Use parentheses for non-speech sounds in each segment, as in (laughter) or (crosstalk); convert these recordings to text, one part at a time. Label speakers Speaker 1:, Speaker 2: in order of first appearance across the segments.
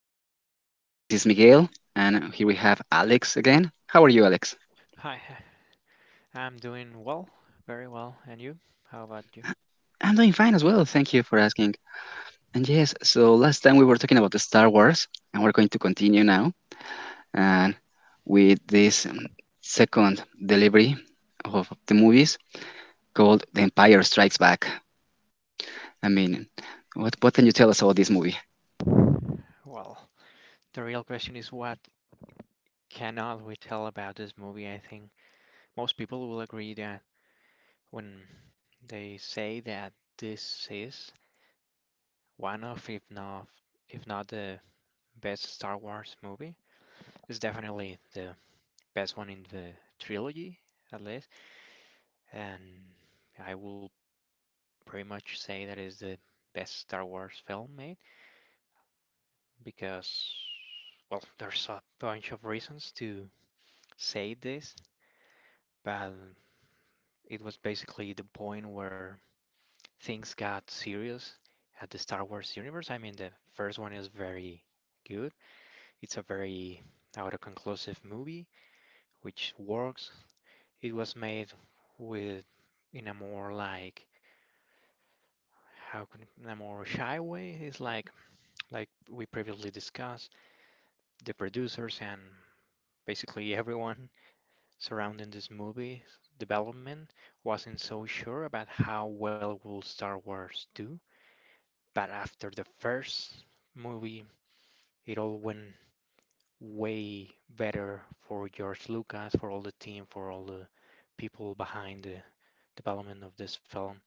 Speaker 1: podcast. This is Miguel, and here we have Alex again. How are you, Alex?
Speaker 2: Hi, I'm doing well, very well. And you? How about you?
Speaker 1: I'm doing fine as well. Thank you for asking. And yes, so last time we were talking about the Star Wars, and we're going to continue now and with this second delivery of the movies called The Empire Strikes Back. I mean, what can you tell us about this movie?
Speaker 2: Well, the real question is what cannot we tell about this movie? I think most people will agree that when they say that this is one of, if not the best Star Wars movie, it's definitely the best one in the trilogy, at least. And I will pretty much say that is the best Star Wars film made. Because, well, there's a bunch of reasons to say this, but it was basically the point where things got serious at the Star Wars universe. I mean, the first one is very good, it's a very autoconclusive movie, which works. It was made with in a more like how can in a more shy way. It's like we previously discussed the producers and basically (laughs) everyone surrounding this movie development wasn't so sure about how well will Star Wars do, but after the first movie, it all went way better for George Lucas, for all the team, for all the people behind the development of this film.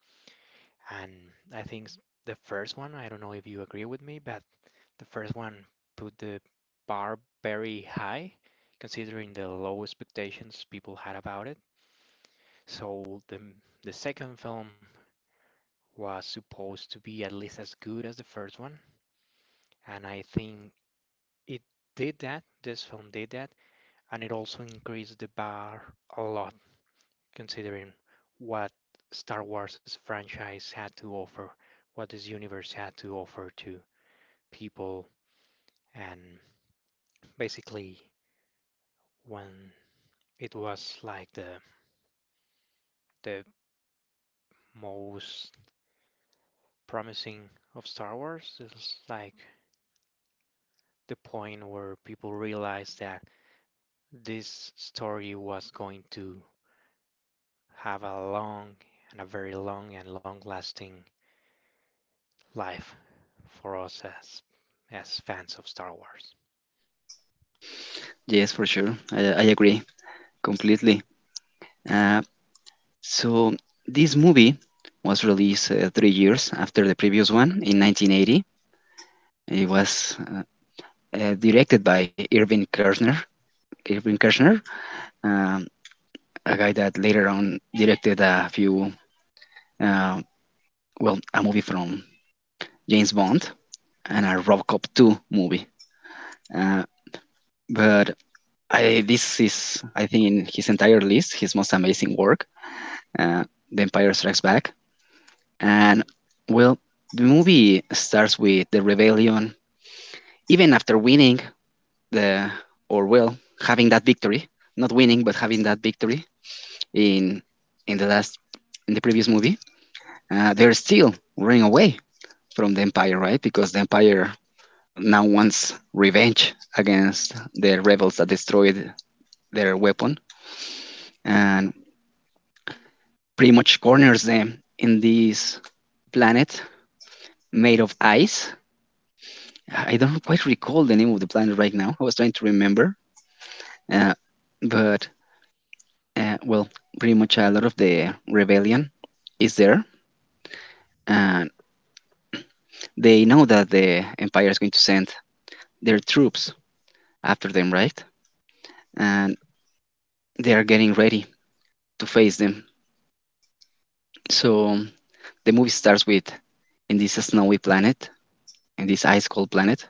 Speaker 2: And I think the first one, I don't know if you agree with me, but the first one put the bar very high, considering the low expectations people had about it. So the second film was supposed to be at least as good as the first one, and I think it did that. This film did that, and it also increased the bar a lot, considering what Star Wars' franchise had to offer, what this universe had to offer to people, and basically when it was like the most promising of Star Wars, it's like the point where people realized that this story was going to have a long and a very long and long lasting life for us as fans of Star Wars.
Speaker 1: Yes, for sure. I agree completely. Uh, So this movie was released 3 years after the previous one in 1980. It was directed by Irving Kershner. Irving Kershner, um, a guy that later on directed uh, a movie from James Bond and a RoboCop 2 movie. Uh, but this is, I think, in his entire list, his most amazing work, uh, The Empire Strikes Back. And, well, the movie starts with the rebellion even after winning the or well having that victory, not winning but having that victory in in the last in the previous movie. Uh, they're still running away from the empire, right? Because the empire now wants revenge against the rebels that destroyed their weapon and pretty much corners them in this planet made of ice. I don't quite recall the name of the planet right now. I was trying to remember, uh, but well, pretty much a lot of the rebellion is there. And they know that the empire is going to send their troops after them, right? And they are getting ready to face them. So the movie starts with in this snowy planet, in this ice cold planet,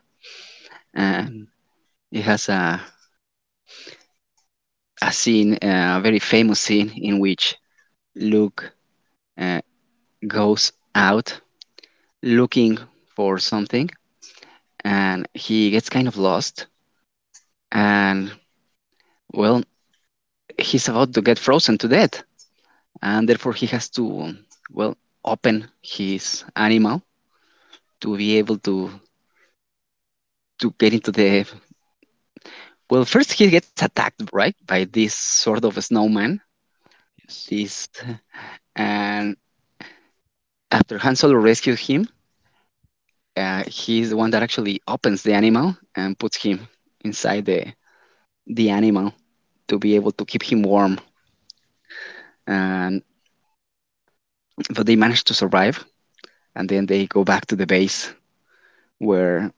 Speaker 1: and it has a scene, a very famous scene in which Luke uh, goes out looking for something and he gets kind of lost and well he's about to get frozen to death, and therefore he has to, well, open his animal to be able to get into the. Well, first he gets attacked, right, by this sort of a snowman.
Speaker 2: Yes.
Speaker 1: This and after Han Solo rescues him, he's the one that actually opens the animal and puts him inside the animal to be able to keep him warm. And but they manage to survive, and then they go back to the base where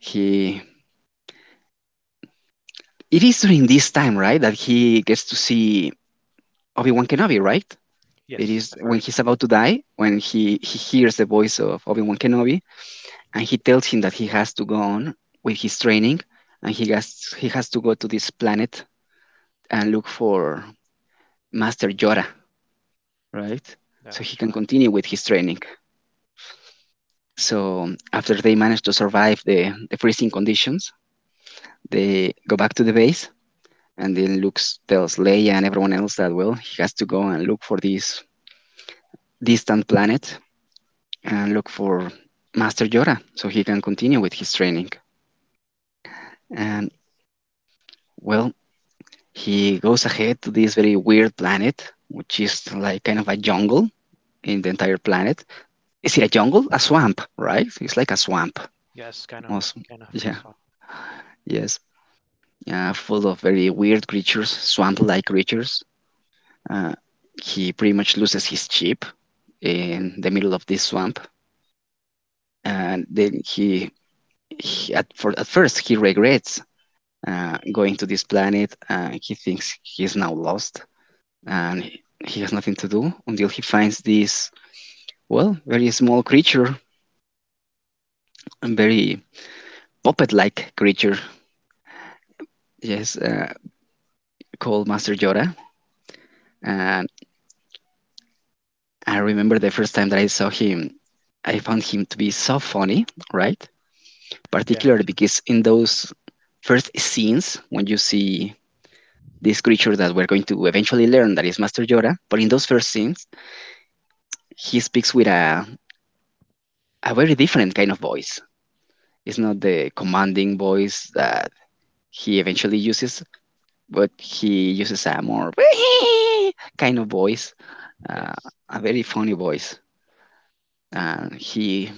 Speaker 1: he It is during this time, right, that he gets to see Obi Wan Kenobi, right? It
Speaker 2: Yes, the
Speaker 1: is when
Speaker 2: first
Speaker 1: he's
Speaker 2: time.
Speaker 1: about to die, when he hears the voice of Obi Wan Kenobi, and he tells him that he has to go on with his training, and he has to go to this planet and look for Master Yoda, right? So he
Speaker 2: That's
Speaker 1: can
Speaker 2: right.
Speaker 1: continue with his training. So after they manage to survive the freezing conditions, they go back to the base, and then Luke tells Leia and everyone else that well, he has to go and look for this distant planet and look for Master Yoda so he can continue with his training. And well, he goes ahead to this very weird planet, which is like kind of a jungle in the entire planet. Is it a jungle? A swamp, right? It's like a swamp.
Speaker 2: Yes,
Speaker 1: Awesome.
Speaker 2: kind of
Speaker 1: Yeah,
Speaker 2: was one.
Speaker 1: yes. Full of very weird creatures, swamp like creatures. Uh, he pretty much loses his ship in the middle of this swamp. And then at first, he regrets going to this planet. He thinks he is now lost and he has nothing to do until he finds this, well, very small creature, a very puppet like creature, yes, called Master Yoda. And I remember the first time that I saw him, I found him to be so funny, right?
Speaker 2: Yeah.
Speaker 1: Particularly because in those first scenes, when you see this creature that we're going to eventually learn that is Master Yoda, but in those first scenes, he speaks with a very different kind of voice. It's not the commanding voice that he eventually uses, but he uses a more (laughs) kind of voice, uh,
Speaker 2: Yes.
Speaker 1: a very funny voice. And he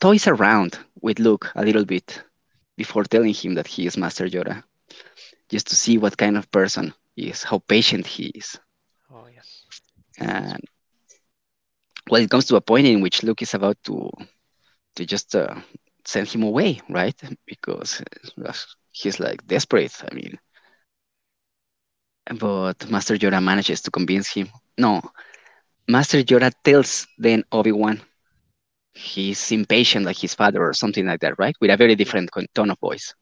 Speaker 1: toys around with Luke a little bit before telling him that he is Master Yoda, just to see what kind of person he is, how patient he is.
Speaker 2: Oh yes. It's,
Speaker 1: And well, it comes to a point in which Luke is about to just send him away, right? Because uh, he's like desperate. I mean, But Master Yoda manages to convince him. No, Master Yoda tells then Obi Wan he's impatient like his father or something like that, right? With a very
Speaker 2: yes.
Speaker 1: different tone of voice.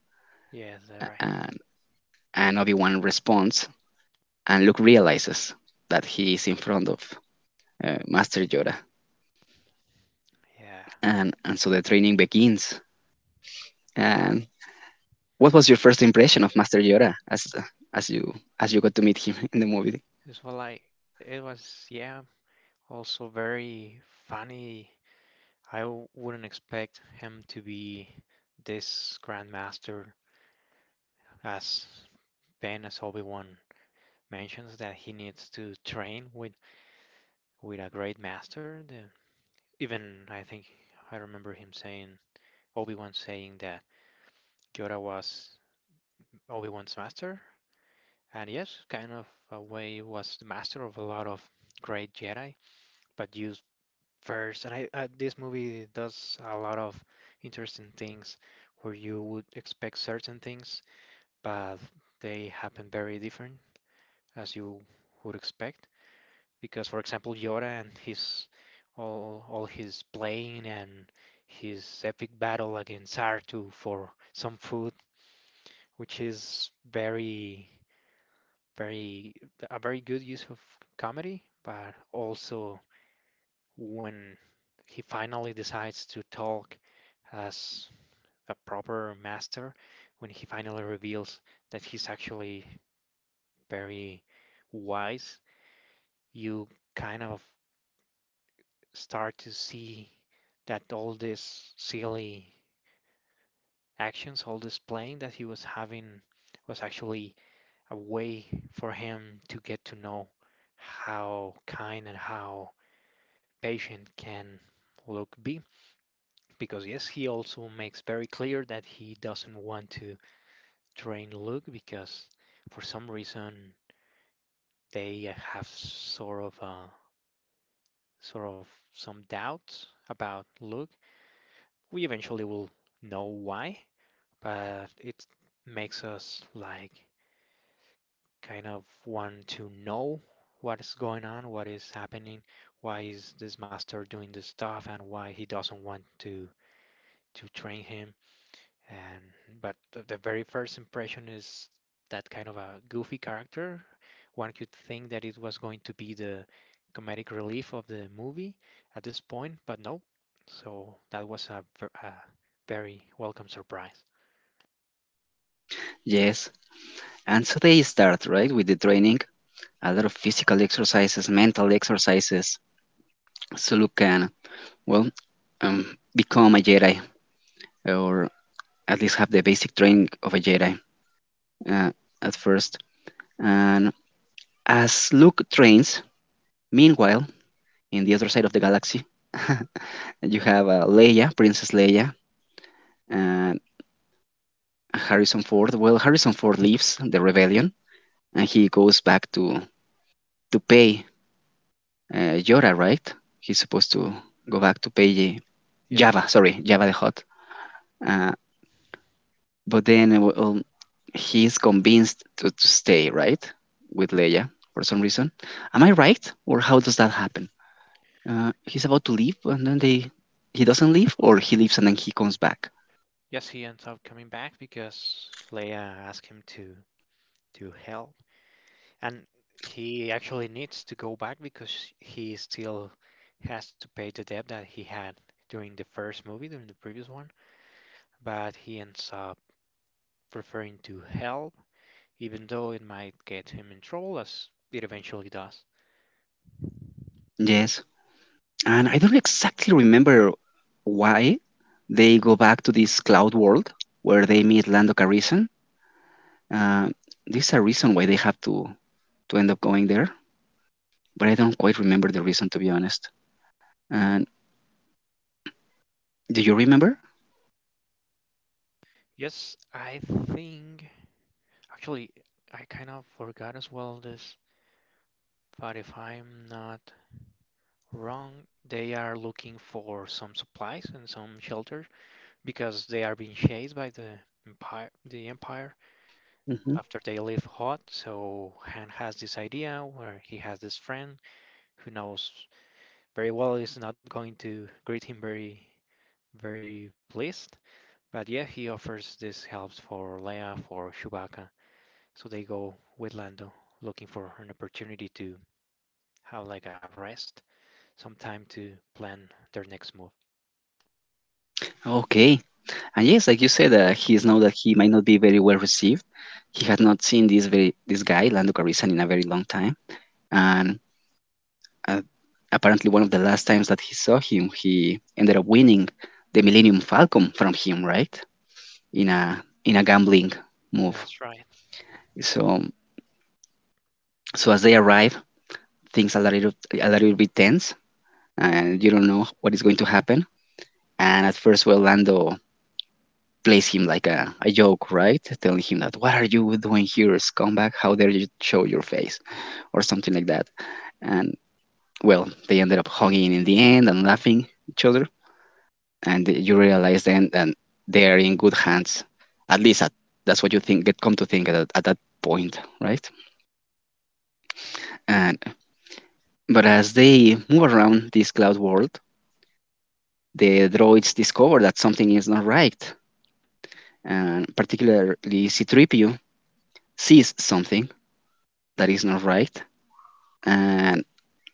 Speaker 2: Yes, that's
Speaker 1: A-
Speaker 2: right.
Speaker 1: And, and Obi Wan responds, and Luke realizes that he is in front of Master Yoda.
Speaker 2: Yeah.
Speaker 1: And so the training begins. And what was your first impression of Master Yoda as, you, as you got to meet him (laughs) in the movie?
Speaker 2: It's well like it was also very funny. I wouldn't expect him to be this grandmaster as Ben, as Obi-Wan mentions that he needs to train with a great master, the, even I think I remember him saying Obi-Wan saying that Yoda was Obi-Wan's master, and yes, kind of a way was the master of a lot of great Jedi, but used first. And this movie does a lot of interesting things where you would expect certain things, but they happen very different as you would expect. Because for example Yoda and his all his playing and his epic battle against Sartu for some food, which is very very a very good use of comedy, but also when he finally decides to talk as a proper master, when he finally reveals that he's actually very wise, you kind of start to see that all these silly actions, all this playing that he was having was actually a way for him to get to know how kind and how patient can Luke be. Because yes, he also makes very clear that he doesn't want to train Luke because for some reason they have sort of some doubts about Luke. We eventually will know why, but it makes us like kind of want to know what is going on, what is happening, why is this master doing this stuff, and why he doesn't want to train him. And but the very first impression is that kind of a goofy character. One could think that it was going to be the comedic relief of the movie at this point, but no. So that was a very welcome surprise.
Speaker 1: Yes. And so they start, right, with the training, a lot of physical exercises, mental exercises, so you can, well, um, become a Jedi, or at least have the basic training of a Jedi uh, at first. And as Luke trains, meanwhile, in the other side of the galaxy, (laughs) you have Princess Leia, and Harrison Ford. Well, Harrison Ford leaves the rebellion, and he goes back to pay Yora, right? He's supposed to go back to Paige.
Speaker 2: Yes.
Speaker 1: Java, sorry, Java the Hot. Uh, but then well, he's convinced to stay, right? With Leia for some reason. Am I right? Or how does that happen? He's about to leave and then they he doesn't leave or he leaves and then he comes back.
Speaker 2: Yes, he ends up coming back because Leia asked him to help, and he actually needs to go back because he still has to pay the debt that he had during the first movie, during the previous one. But he ends up preferring to help, even though it might get him in trouble, as it eventually does.
Speaker 1: Yes. And I don't exactly remember why they go back to this cloud world where they meet Lando Calrissian. Uh, this is a reason why they have to end up going there. But I don't quite remember the reason to be honest. And do you remember?
Speaker 2: Yes, I think actually I kind of forgot as well this, but if I'm not wrong. They are looking for some supplies and some shelter because they are being chased by the empire. The empire
Speaker 1: Hmm.
Speaker 2: after they leave Hot. So Han has this idea where he has this friend who knows very well is not going to greet him very, very pleased. But yeah, he offers this help for Leia for Chewbacca. So they go with Lando looking for an opportunity to have like a rest, some time to plan their next move.
Speaker 1: Okay. And yes, like you said, he is now that he might not be very well received. He had not seen this guy Lando Calrissian in a very long time, and uh, apparently one of the last times that he saw him, he ended up winning the Millennium Falcon from him, right? In a gambling move.
Speaker 2: That's right.
Speaker 1: So so as they arrive, things are a little bit tense, and you don't know what is going to happen. And at first, well, Lando plays him like a joke, right? Telling him that, what are you doing here, scumbag? How dare you show your face? Or something like that. And well, they ended up hugging in the end and laughing each other. And you realize then that they are in good hands. At least at, that's what you think, get come to think at that point, right? And but as they move around this cloud world, the droids discover that something is not right. And particularly C3PO sees something that is not right and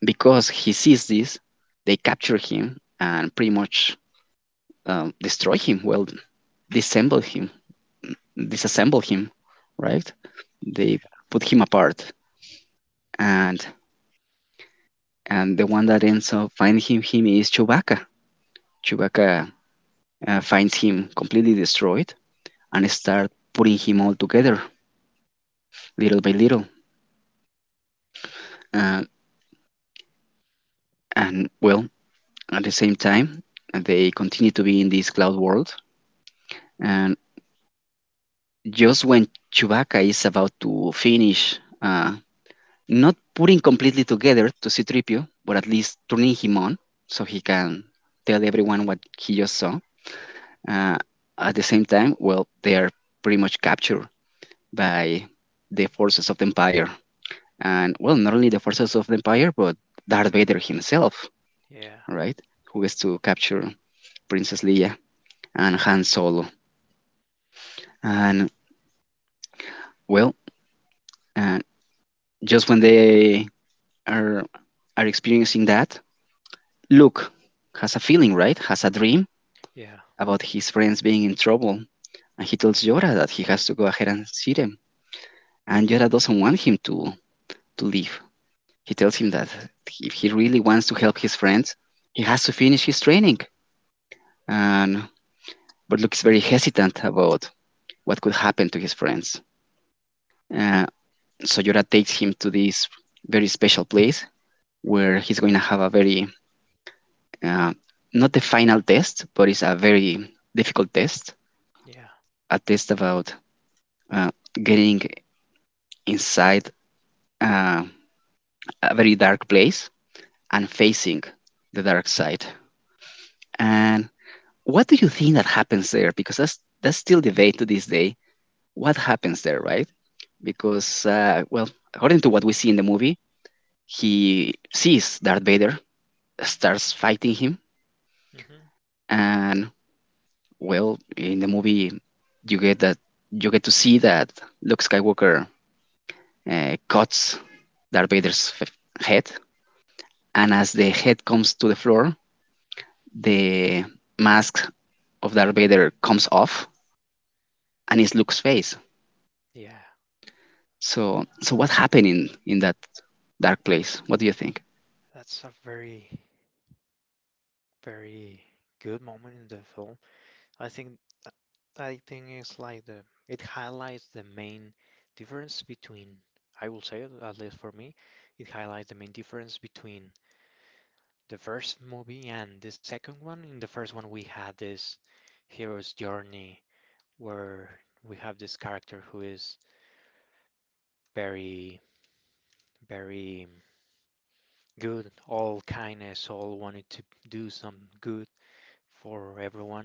Speaker 1: because he sees this, they capture him and pretty much destroy him. Well, disassemble him, disassemble him, right? They put him apart, and the one that ends up finding him is Chewbacca. Chewbacca finds him completely destroyed and start putting him all together little by little. Uh, and well, at the same time, they continue to be in this cloud world, and just when Chewbacca is about to finish, not putting completely together to C3PO, but at least turning him on so he can tell everyone what he just saw. Uh, at the same time, well, they are pretty much captured by the forces of the Empire. And, well, not only the forces of the Empire, but Darth Vader himself,
Speaker 2: Yeah,
Speaker 1: right? Who gets to capture Princess Leia and Han Solo. And, well, uh, just when the are are experiencing that, Luke has a feeling, right? Has a dream
Speaker 2: yeah,
Speaker 1: about his friends being in trouble, and he tells Yoda that he has to go ahead and see them. And Yoda doesn't want him to leave. He tells him that if he really wants to help his friends, he has to finish his training. And but Luke is very hesitant about what could happen to his friends. Uh, so Yoda takes him to this very special place where he's going to have a very uh, not the final test, but it's a very difficult test,
Speaker 2: yeah.
Speaker 1: a test about uh, getting inside uh, a very dark place and facing the dark side. And what do you think that happens there? Because that's still debate to this day. What happens there, right? Because well, according to what we see in the movie, he sees Darth Vader, starts fighting him,
Speaker 2: Hmm.
Speaker 1: and Well, in the movie, you get that you get to see that Luke Skywalker cuts Darth Vader's f- head, and as the head comes to the floor, the mask of Darth Vader comes off, and it's Luke's face.
Speaker 2: Yeah,
Speaker 1: So what happened in that dark place? What do you think?
Speaker 2: that's a very, very good moment in the film. I think I think it's like the it highlights the main difference between I will say at least for me, it highlights the main difference between the first movie and the second one. In the first one, we had this hero's journey where we have this character who is very, very good, all kindness, all wanted to do some good for everyone.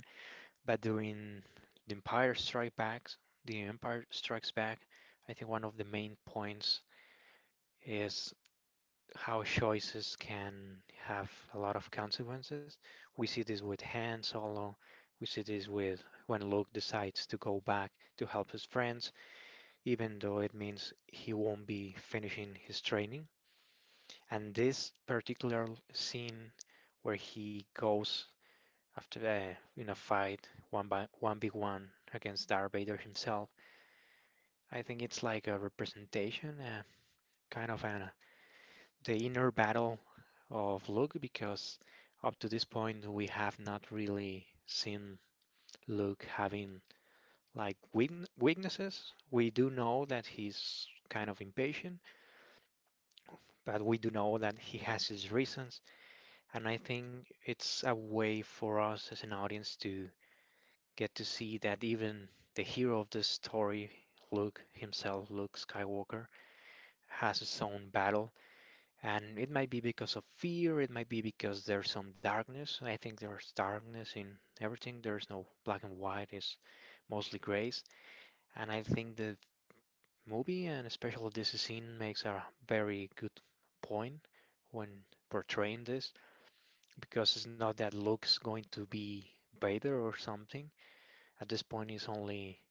Speaker 2: But during the Empire Strikes Back, the Empire Strikes Back, I think one of the main points is how choices can have a lot of consequences. We see this with Han Solo. We see this with when Luke decides to go back to help his friends, even though it means he won't be finishing his training. And this particular scene where he goes after in a fight one by one v one against Darth Vader himself. I think it's like a representation, kind of an, uh, the inner battle of Luke because up to this point we have not really seen Luke having like weaknesses. We do know that he's kind of impatient, but we do know that he has his reasons, and I think it's a way for us as an audience to get to see that even the hero of this story, Luke himself, Luke Skywalker, has his own battle. And it might be because of fear, it might be because there's some darkness. I think there's darkness in everything. There's no black and white, it's mostly grays. And I think the movie, and especially this scene, makes a very good point when portraying this, because it's not that Luke's going to be Vader or something. At this point, it's only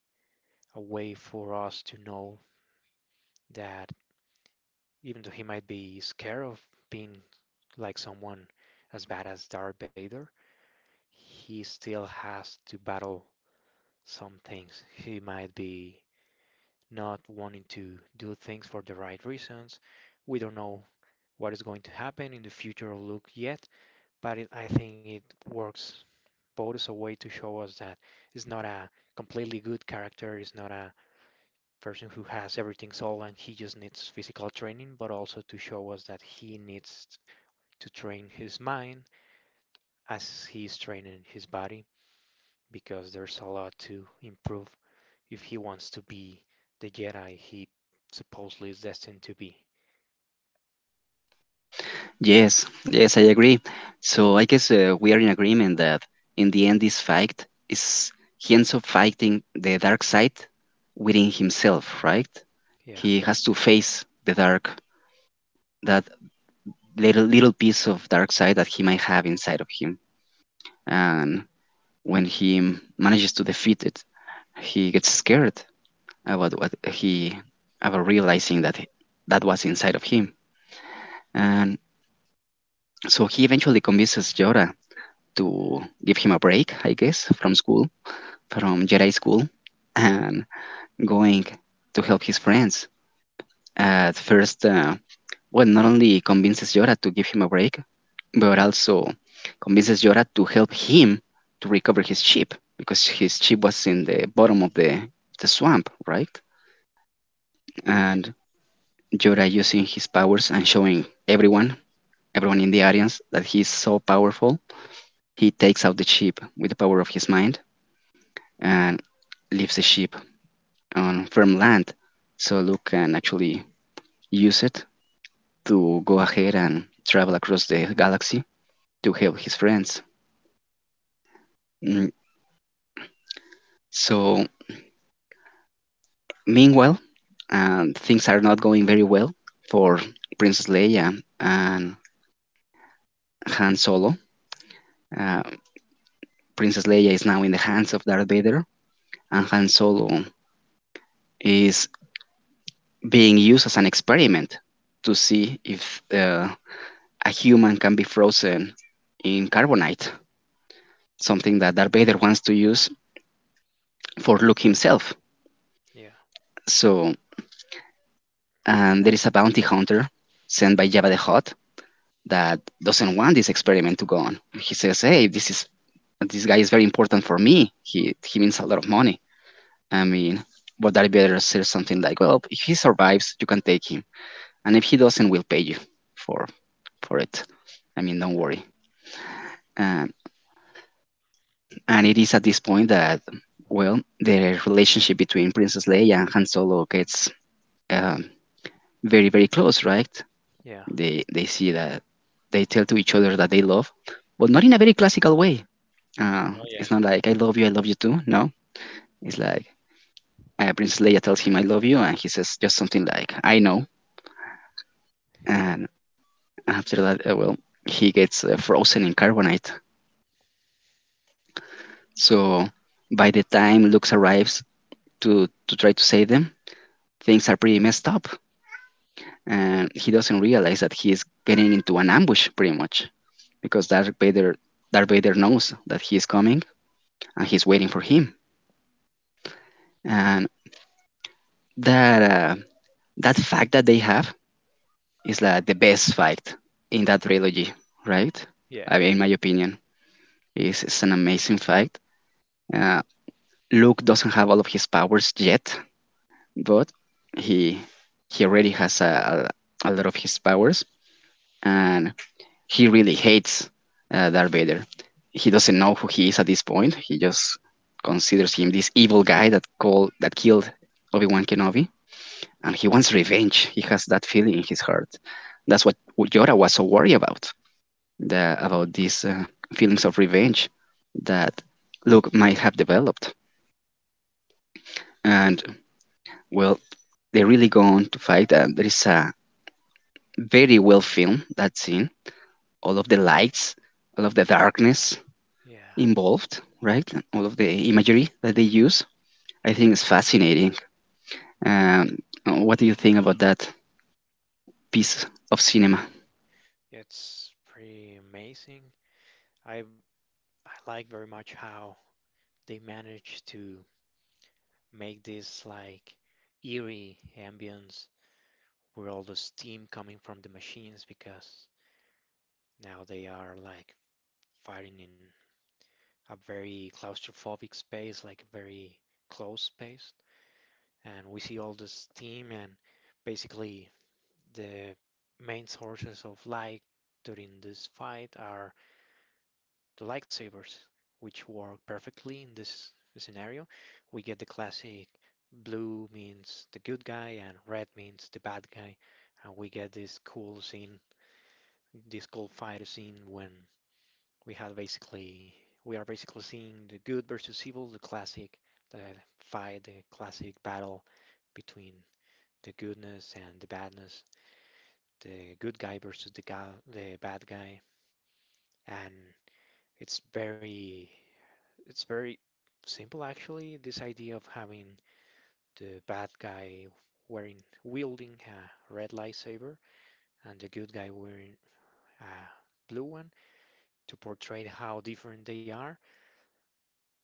Speaker 2: a way for us to know that even though he might be scared of being like someone as bad as Darth Vader, he still has to battle some things. He might be not wanting to do things for the right reasons. We don't know what is going to happen in the future of Luke yet, but I think it works both as a way to show us that it's not a completely good character, it's not a person who has everything solved and he just needs physical training, but also to show us that he needs to train his mind as he's training his body because there's a lot to improve if he wants to be the Jedi he supposedly is destined to be.
Speaker 1: Yes, yes, I agree. So I guess we are in agreement that in the end, this fight is he ends up fighting the dark side within himself, right?
Speaker 2: Yeah.
Speaker 1: He has to face the dark, that little piece of dark side that he might have inside of him. And when he manages to defeat it, he gets scared about what he about realizing that that was inside of him. And so he eventually convinces Jorah to give him a break, I guess, from school, from Jedi school, and going to help his friends. At first, well, not only convinces Yoda to give him a break, but also convinces Yoda to help him to recover his ship because his ship was in the bottom of the swamp, right?
Speaker 2: Yeah.
Speaker 1: And Yoda using his powers and showing everyone, everyone in the audience, that he's so powerful. He takes out the ship with the power of his mind and leaves the ship on firm land, so Luke can actually use it to go ahead and travel across the galaxy to help his friends. Mm, so, meanwhile, things are not going very well for Princess Leia and Han Solo. Uh, Princess Leia is now in the hands of Darth Vader, and Han Solo is being used as an experiment to see if a human can be frozen in carbonite, something that Darth Vader wants to use for Luke himself.
Speaker 2: Yeah,
Speaker 1: So, and there is a bounty hunter sent by Jabba the Hutt that doesn't want this experiment to go on. He says, "Hey, this guy is very important for me. He means a lot of money. I mean, would that better say something like, well, if he survives, you can take him, and if he doesn't, we'll pay you for for it. I mean, don't worry." And it is at this point that well, the relationship between Princess Leia and Han Solo gets um, very close, right?
Speaker 2: yeah.
Speaker 1: They see that they tell to each other that they love, but not in a very classical way. Uh,
Speaker 2: Oh yeah.
Speaker 1: it's not like I love you too. No, it's like Princess Leia tells him I love you, and he says just something like I know.
Speaker 2: Yeah,
Speaker 1: And after that, well, he gets frozen in carbonite. So by the time Luke arrives to try to save them, things are pretty messed up, and he doesn't realize that he is getting into an ambush pretty much because Darth Vader knows that he is coming and he's waiting for him. And that uh, that fact that they have is like the best fight in that trilogy, right? I
Speaker 2: yeah,
Speaker 1: mean, in my opinion, it's an amazing fight. Uh, Luke doesn't have all of his powers yet, but he he already has a lot of his powers, and he really hates Darth Vader. He doesn't know who he is at this point. He just considers him this evil guy that killed Obi Wan Kenobi, and he wants revenge. He has that feeling in his heart. That's what Yora was so worried about, about these feelings of revenge that Luke might have developed. And well, they really go on to fight. And there is a very well filmed that scene. All of the lights, all of the darkness
Speaker 2: yeah.
Speaker 1: involved, right? All of the imagery that they use, I think is fascinating. Um, what do you think about that piece of cinema?
Speaker 2: It's pretty amazing. I I like very much how they managed to make this like eerie ambience with all the steam coming from the machines because now they are like fighting in a very claustrophobic space, like a very close space. And we see all the steam and basically the main sources of light during this fight are the lightsabers, which work perfectly in this scenario. We get the classic blue means the good guy and red means the bad guy. And we get this cool scene, this cool fight scene when we have basically, we are basically seeing the good versus evil, the classic the fight, the classic battle between the goodness and the badness, the good guy versus the bad guy. And it's very It's very simple, actually. This idea of having the bad guy wearing wielding a red lightsaber and the good guy wearing a blue one to portray how different they are,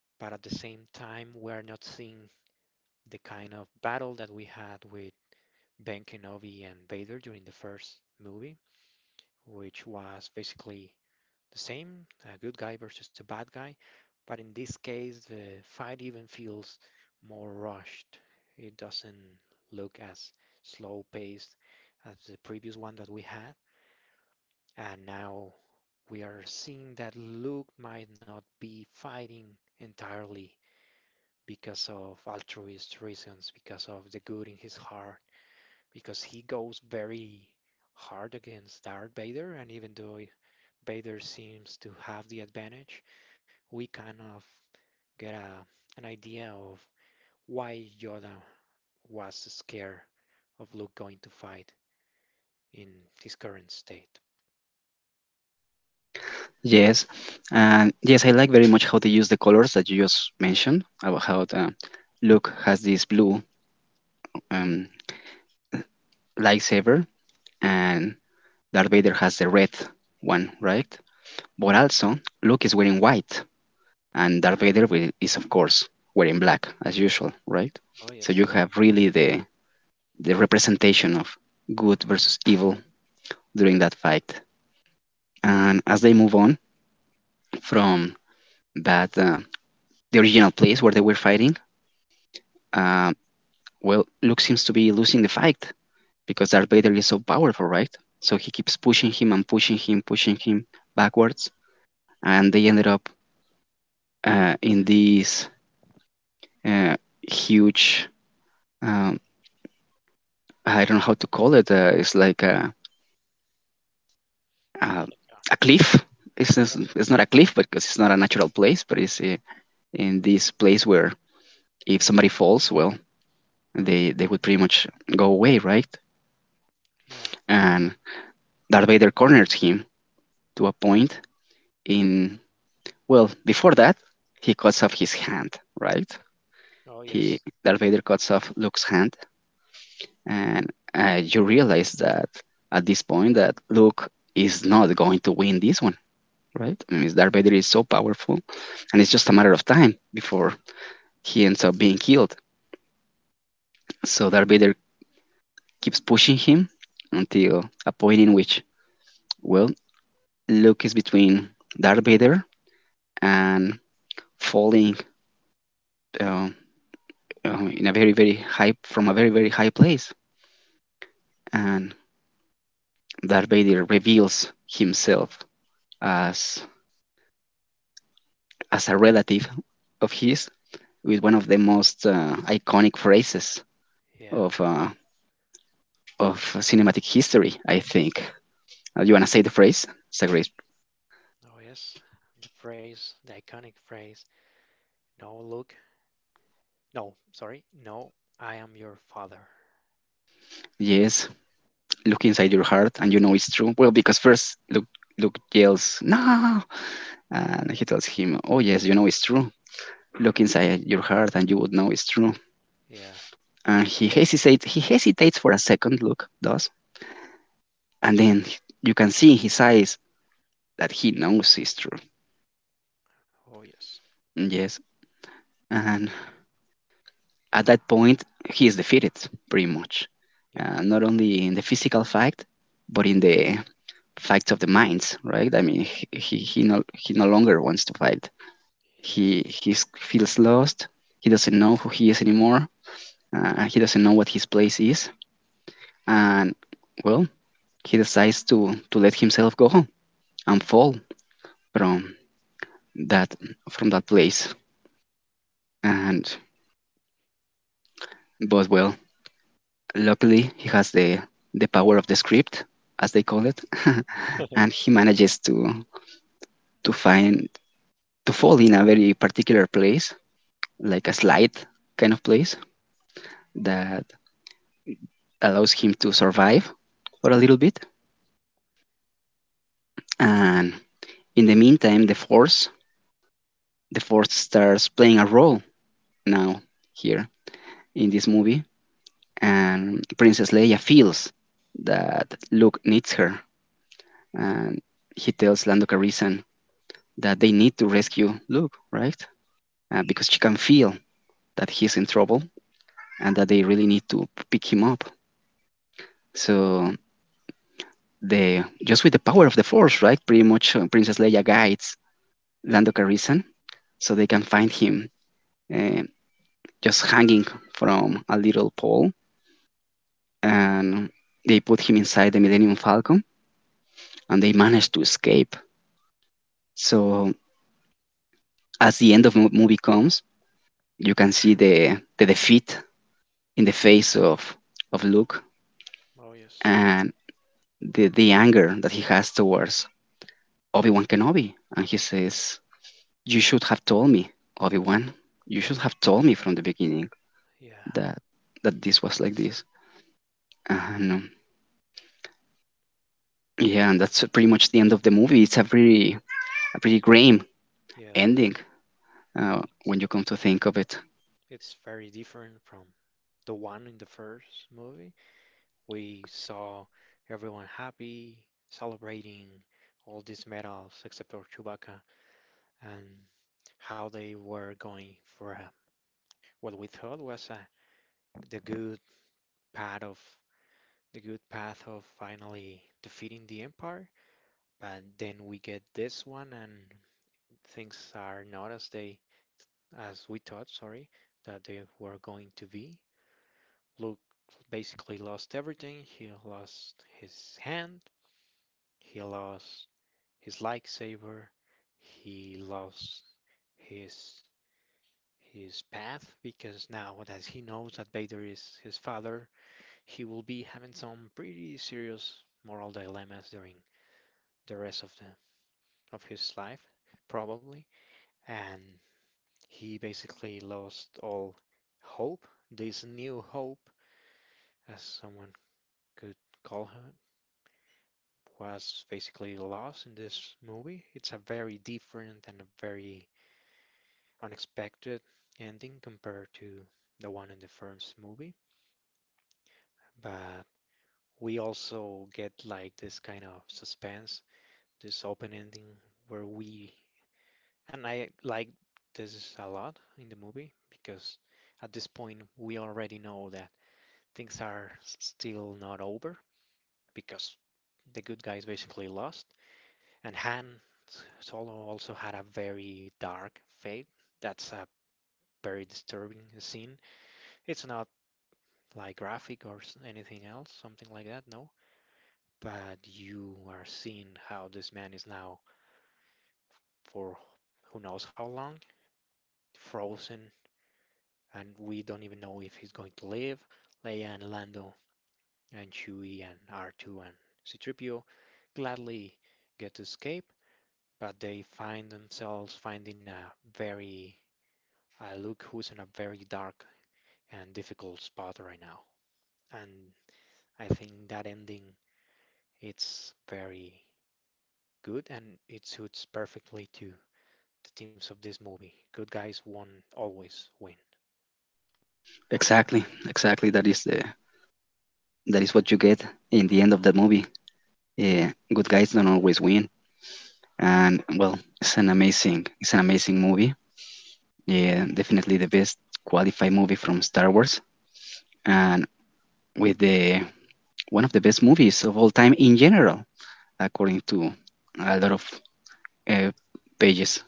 Speaker 2: but at the same time, we are not seeing the kind of battle that we had with Ben Kenobi and Vader during the first movie, which was basically the same, a good guy versus a bad guy, but in this case, the fight even feels more rushed. It doesn't look as slow paced as the previous one that we had, and now we are seeing that Luke might not be fighting entirely because of altruist reasons, because of the good in his heart, because he goes very hard against Darth Vader, and even though Vader seems to have the advantage, we kind of get an idea of why Yoda was scared of Luke going to fight in his current state.
Speaker 1: Yes, and yes, I like very much how they use the colors that you just mentioned about how the Luke has this blue um, lightsaber, and Darth Vader has the red one, right? But also, Luke is wearing white, and Darth Vader is, of course, wearing black as usual, right?
Speaker 2: Oh,
Speaker 1: So you
Speaker 2: yes.
Speaker 1: have really the representation of good versus evil during that fight. And as they move on from that, the original place where they were fighting. uh, Well, Luke seems to be losing the fight because Darth Vader is so powerful, right? So he keeps pushing him and pushing him backwards, and they ended up in this uh, huge. Um, I don't know how to call it. It's like a,
Speaker 2: Yeah.
Speaker 1: a
Speaker 2: We-
Speaker 1: cliff.
Speaker 2: Yeah.
Speaker 1: It's not a cliff because it's not a natural place, but it's in this place where if somebody falls, well, they would pretty much go away, right?
Speaker 2: Yeah.
Speaker 1: And Darth Vader corners him to a point in Well, before that, he cuts off his hand, right?
Speaker 2: Oh,
Speaker 1: He
Speaker 2: yes.
Speaker 1: Darth Vader cuts off Luke's hand, and you realize that at this point that Luke is not going to win this one, right? I mean, Darth Vader is so powerful, and it's just a matter of time before he ends up being killed. So Darth Vader keeps pushing him until a point in which, well, Luke is between Darth Vader and falling uh, in a very, very high from a very, very high place, and Darth Vader reveals himself as a relative of his with one of the most iconic phrases
Speaker 2: Yeah.
Speaker 1: of uh, of cinematic history, I think. You wanna say the phrase? It's a great.
Speaker 2: Oh, yes. The phrase, the iconic phrase, no, Luke. No, sorry. No, I am your father.
Speaker 1: Yes, look inside your heart, and you know it's true. Well, because first Luke yells no, and he tells him, "Oh yes, you know it's true. Look inside your heart, and you would know it's true."
Speaker 2: Yeah.
Speaker 1: And he hesitates. He hesitates for a second. Luke does, and then you can see in his eyes that he knows is true.
Speaker 2: Oh, yes.
Speaker 1: Yes. And at that point, he is defeated pretty much,
Speaker 2: Yeah.
Speaker 1: not only in the physical fight, but in the fight of the minds, right? I mean, he no longer wants to fight.
Speaker 2: Yes.
Speaker 1: He feels lost. He doesn't know who he is anymore. He doesn't know what his place is, and well, he decides to let himself go and fall from that from that place. And but well, luckily, he has the power of the script, as they call it, (laughs) and he manages to find to fall in a very particular place, like a slide kind of place that allows him to survive for a little bit.
Speaker 2: Yeah.
Speaker 1: And in the meantime, the force starts playing a role now here in this movie, and Princess Leia feels that Luke needs her, and he tells Lando Calrissian that they need to rescue Luke, right? Because she can feel that he's in trouble and that they really need to pick him up. So the just with the power of the Force, right? Pretty much Princess Leia guides
Speaker 2: Yeah.
Speaker 1: Lando
Speaker 2: Pretty much.
Speaker 1: Calrissian so they can find him uh, just hanging from a little pole, and they put him inside the Millennium Falcon, and they manage to escape. So as the end of the movie comes, you can see the defeat in the face of Luke
Speaker 2: Oh, yes.
Speaker 1: and the anger that he has towards Obi Wan Kenobi, and he says, "You should have told me, Obi Wan. You should have told me from the beginning
Speaker 2: Yeah.
Speaker 1: that this was like this." And yeah, and that's pretty much the end of the movie. It's a pretty grim
Speaker 2: Yeah.
Speaker 1: ending when you come to think of it.
Speaker 2: It's very different from the one in the first movie. We saw everyone happy, celebrating all these medals except for Chewbacca and how they were going for what we thought was the good path of the good path of finally defeating the Empire. But then we get this one and things are not as they as we thought, sorry, that they were going to be. Luke basically lost everything. He lost his hand, he lost his lightsaber, he lost his his path because now that he knows that Vader is his father, he will be having some pretty serious moral dilemmas during the rest of his life, probably. And he basically lost all hope, this new hope, as someone could call her, was basically lost in this movie. It's a very different and a very unexpected ending compared to the one in the first movie. But we also get like this kind of suspense, this open ending where and I like this a lot in the movie because at this point we already know that things are still not over because the good guys basically lost. And Han Solo also had a very dark fate. That's a very disturbing scene. It's not like graphic or anything else, something like that, no. But you are seeing how this man is now, for who knows how long, frozen, and we don't even know if he's going to live. Leia and Lando and Chewie and R2 and C-3PO gladly get to escape, but they find themselves finding a very Luke, who's in a very dark and difficult spot right now. And I think that ending, it's very good and it suits perfectly to the themes of this movie. Good guys won, always win.
Speaker 1: Exactly, exactly. That is what you get in the end of the movie. Yeah, good guys don't always win, and well, it's an amazing movie. Yeah, definitely the best qualified movie from Star Wars, and with the one of the best movies of all time in general, according to a lot of uh, pages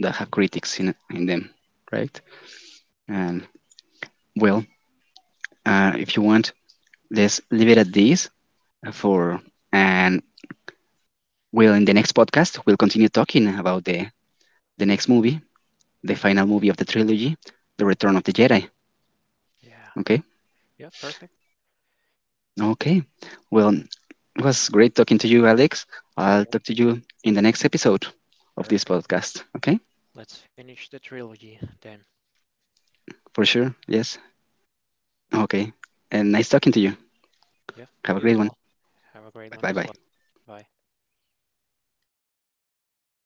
Speaker 1: that have critics in them, right? And well, if you want, let's leave it at this for and we'll in the next podcast we'll continue talking about the next movie, the final movie of the trilogy, The Return of the Jedi.
Speaker 2: Yeah.
Speaker 1: Okay.
Speaker 2: Yeah, perfect.
Speaker 1: Okay. Well, it was great talking to you, Alex.
Speaker 2: You as
Speaker 1: I'll
Speaker 2: well.
Speaker 1: talk to you in the next episode of this
Speaker 2: Perfect.
Speaker 1: podcast. Okay?
Speaker 2: Let's finish the trilogy then.
Speaker 1: For sure. Yes. Okay. And nice talking to you.
Speaker 2: Yeah,
Speaker 1: Have
Speaker 2: you
Speaker 1: a
Speaker 2: as
Speaker 1: great
Speaker 2: well.
Speaker 1: one.
Speaker 2: Have a great one
Speaker 1: Bye
Speaker 2: as
Speaker 1: bye.
Speaker 2: well. Bye.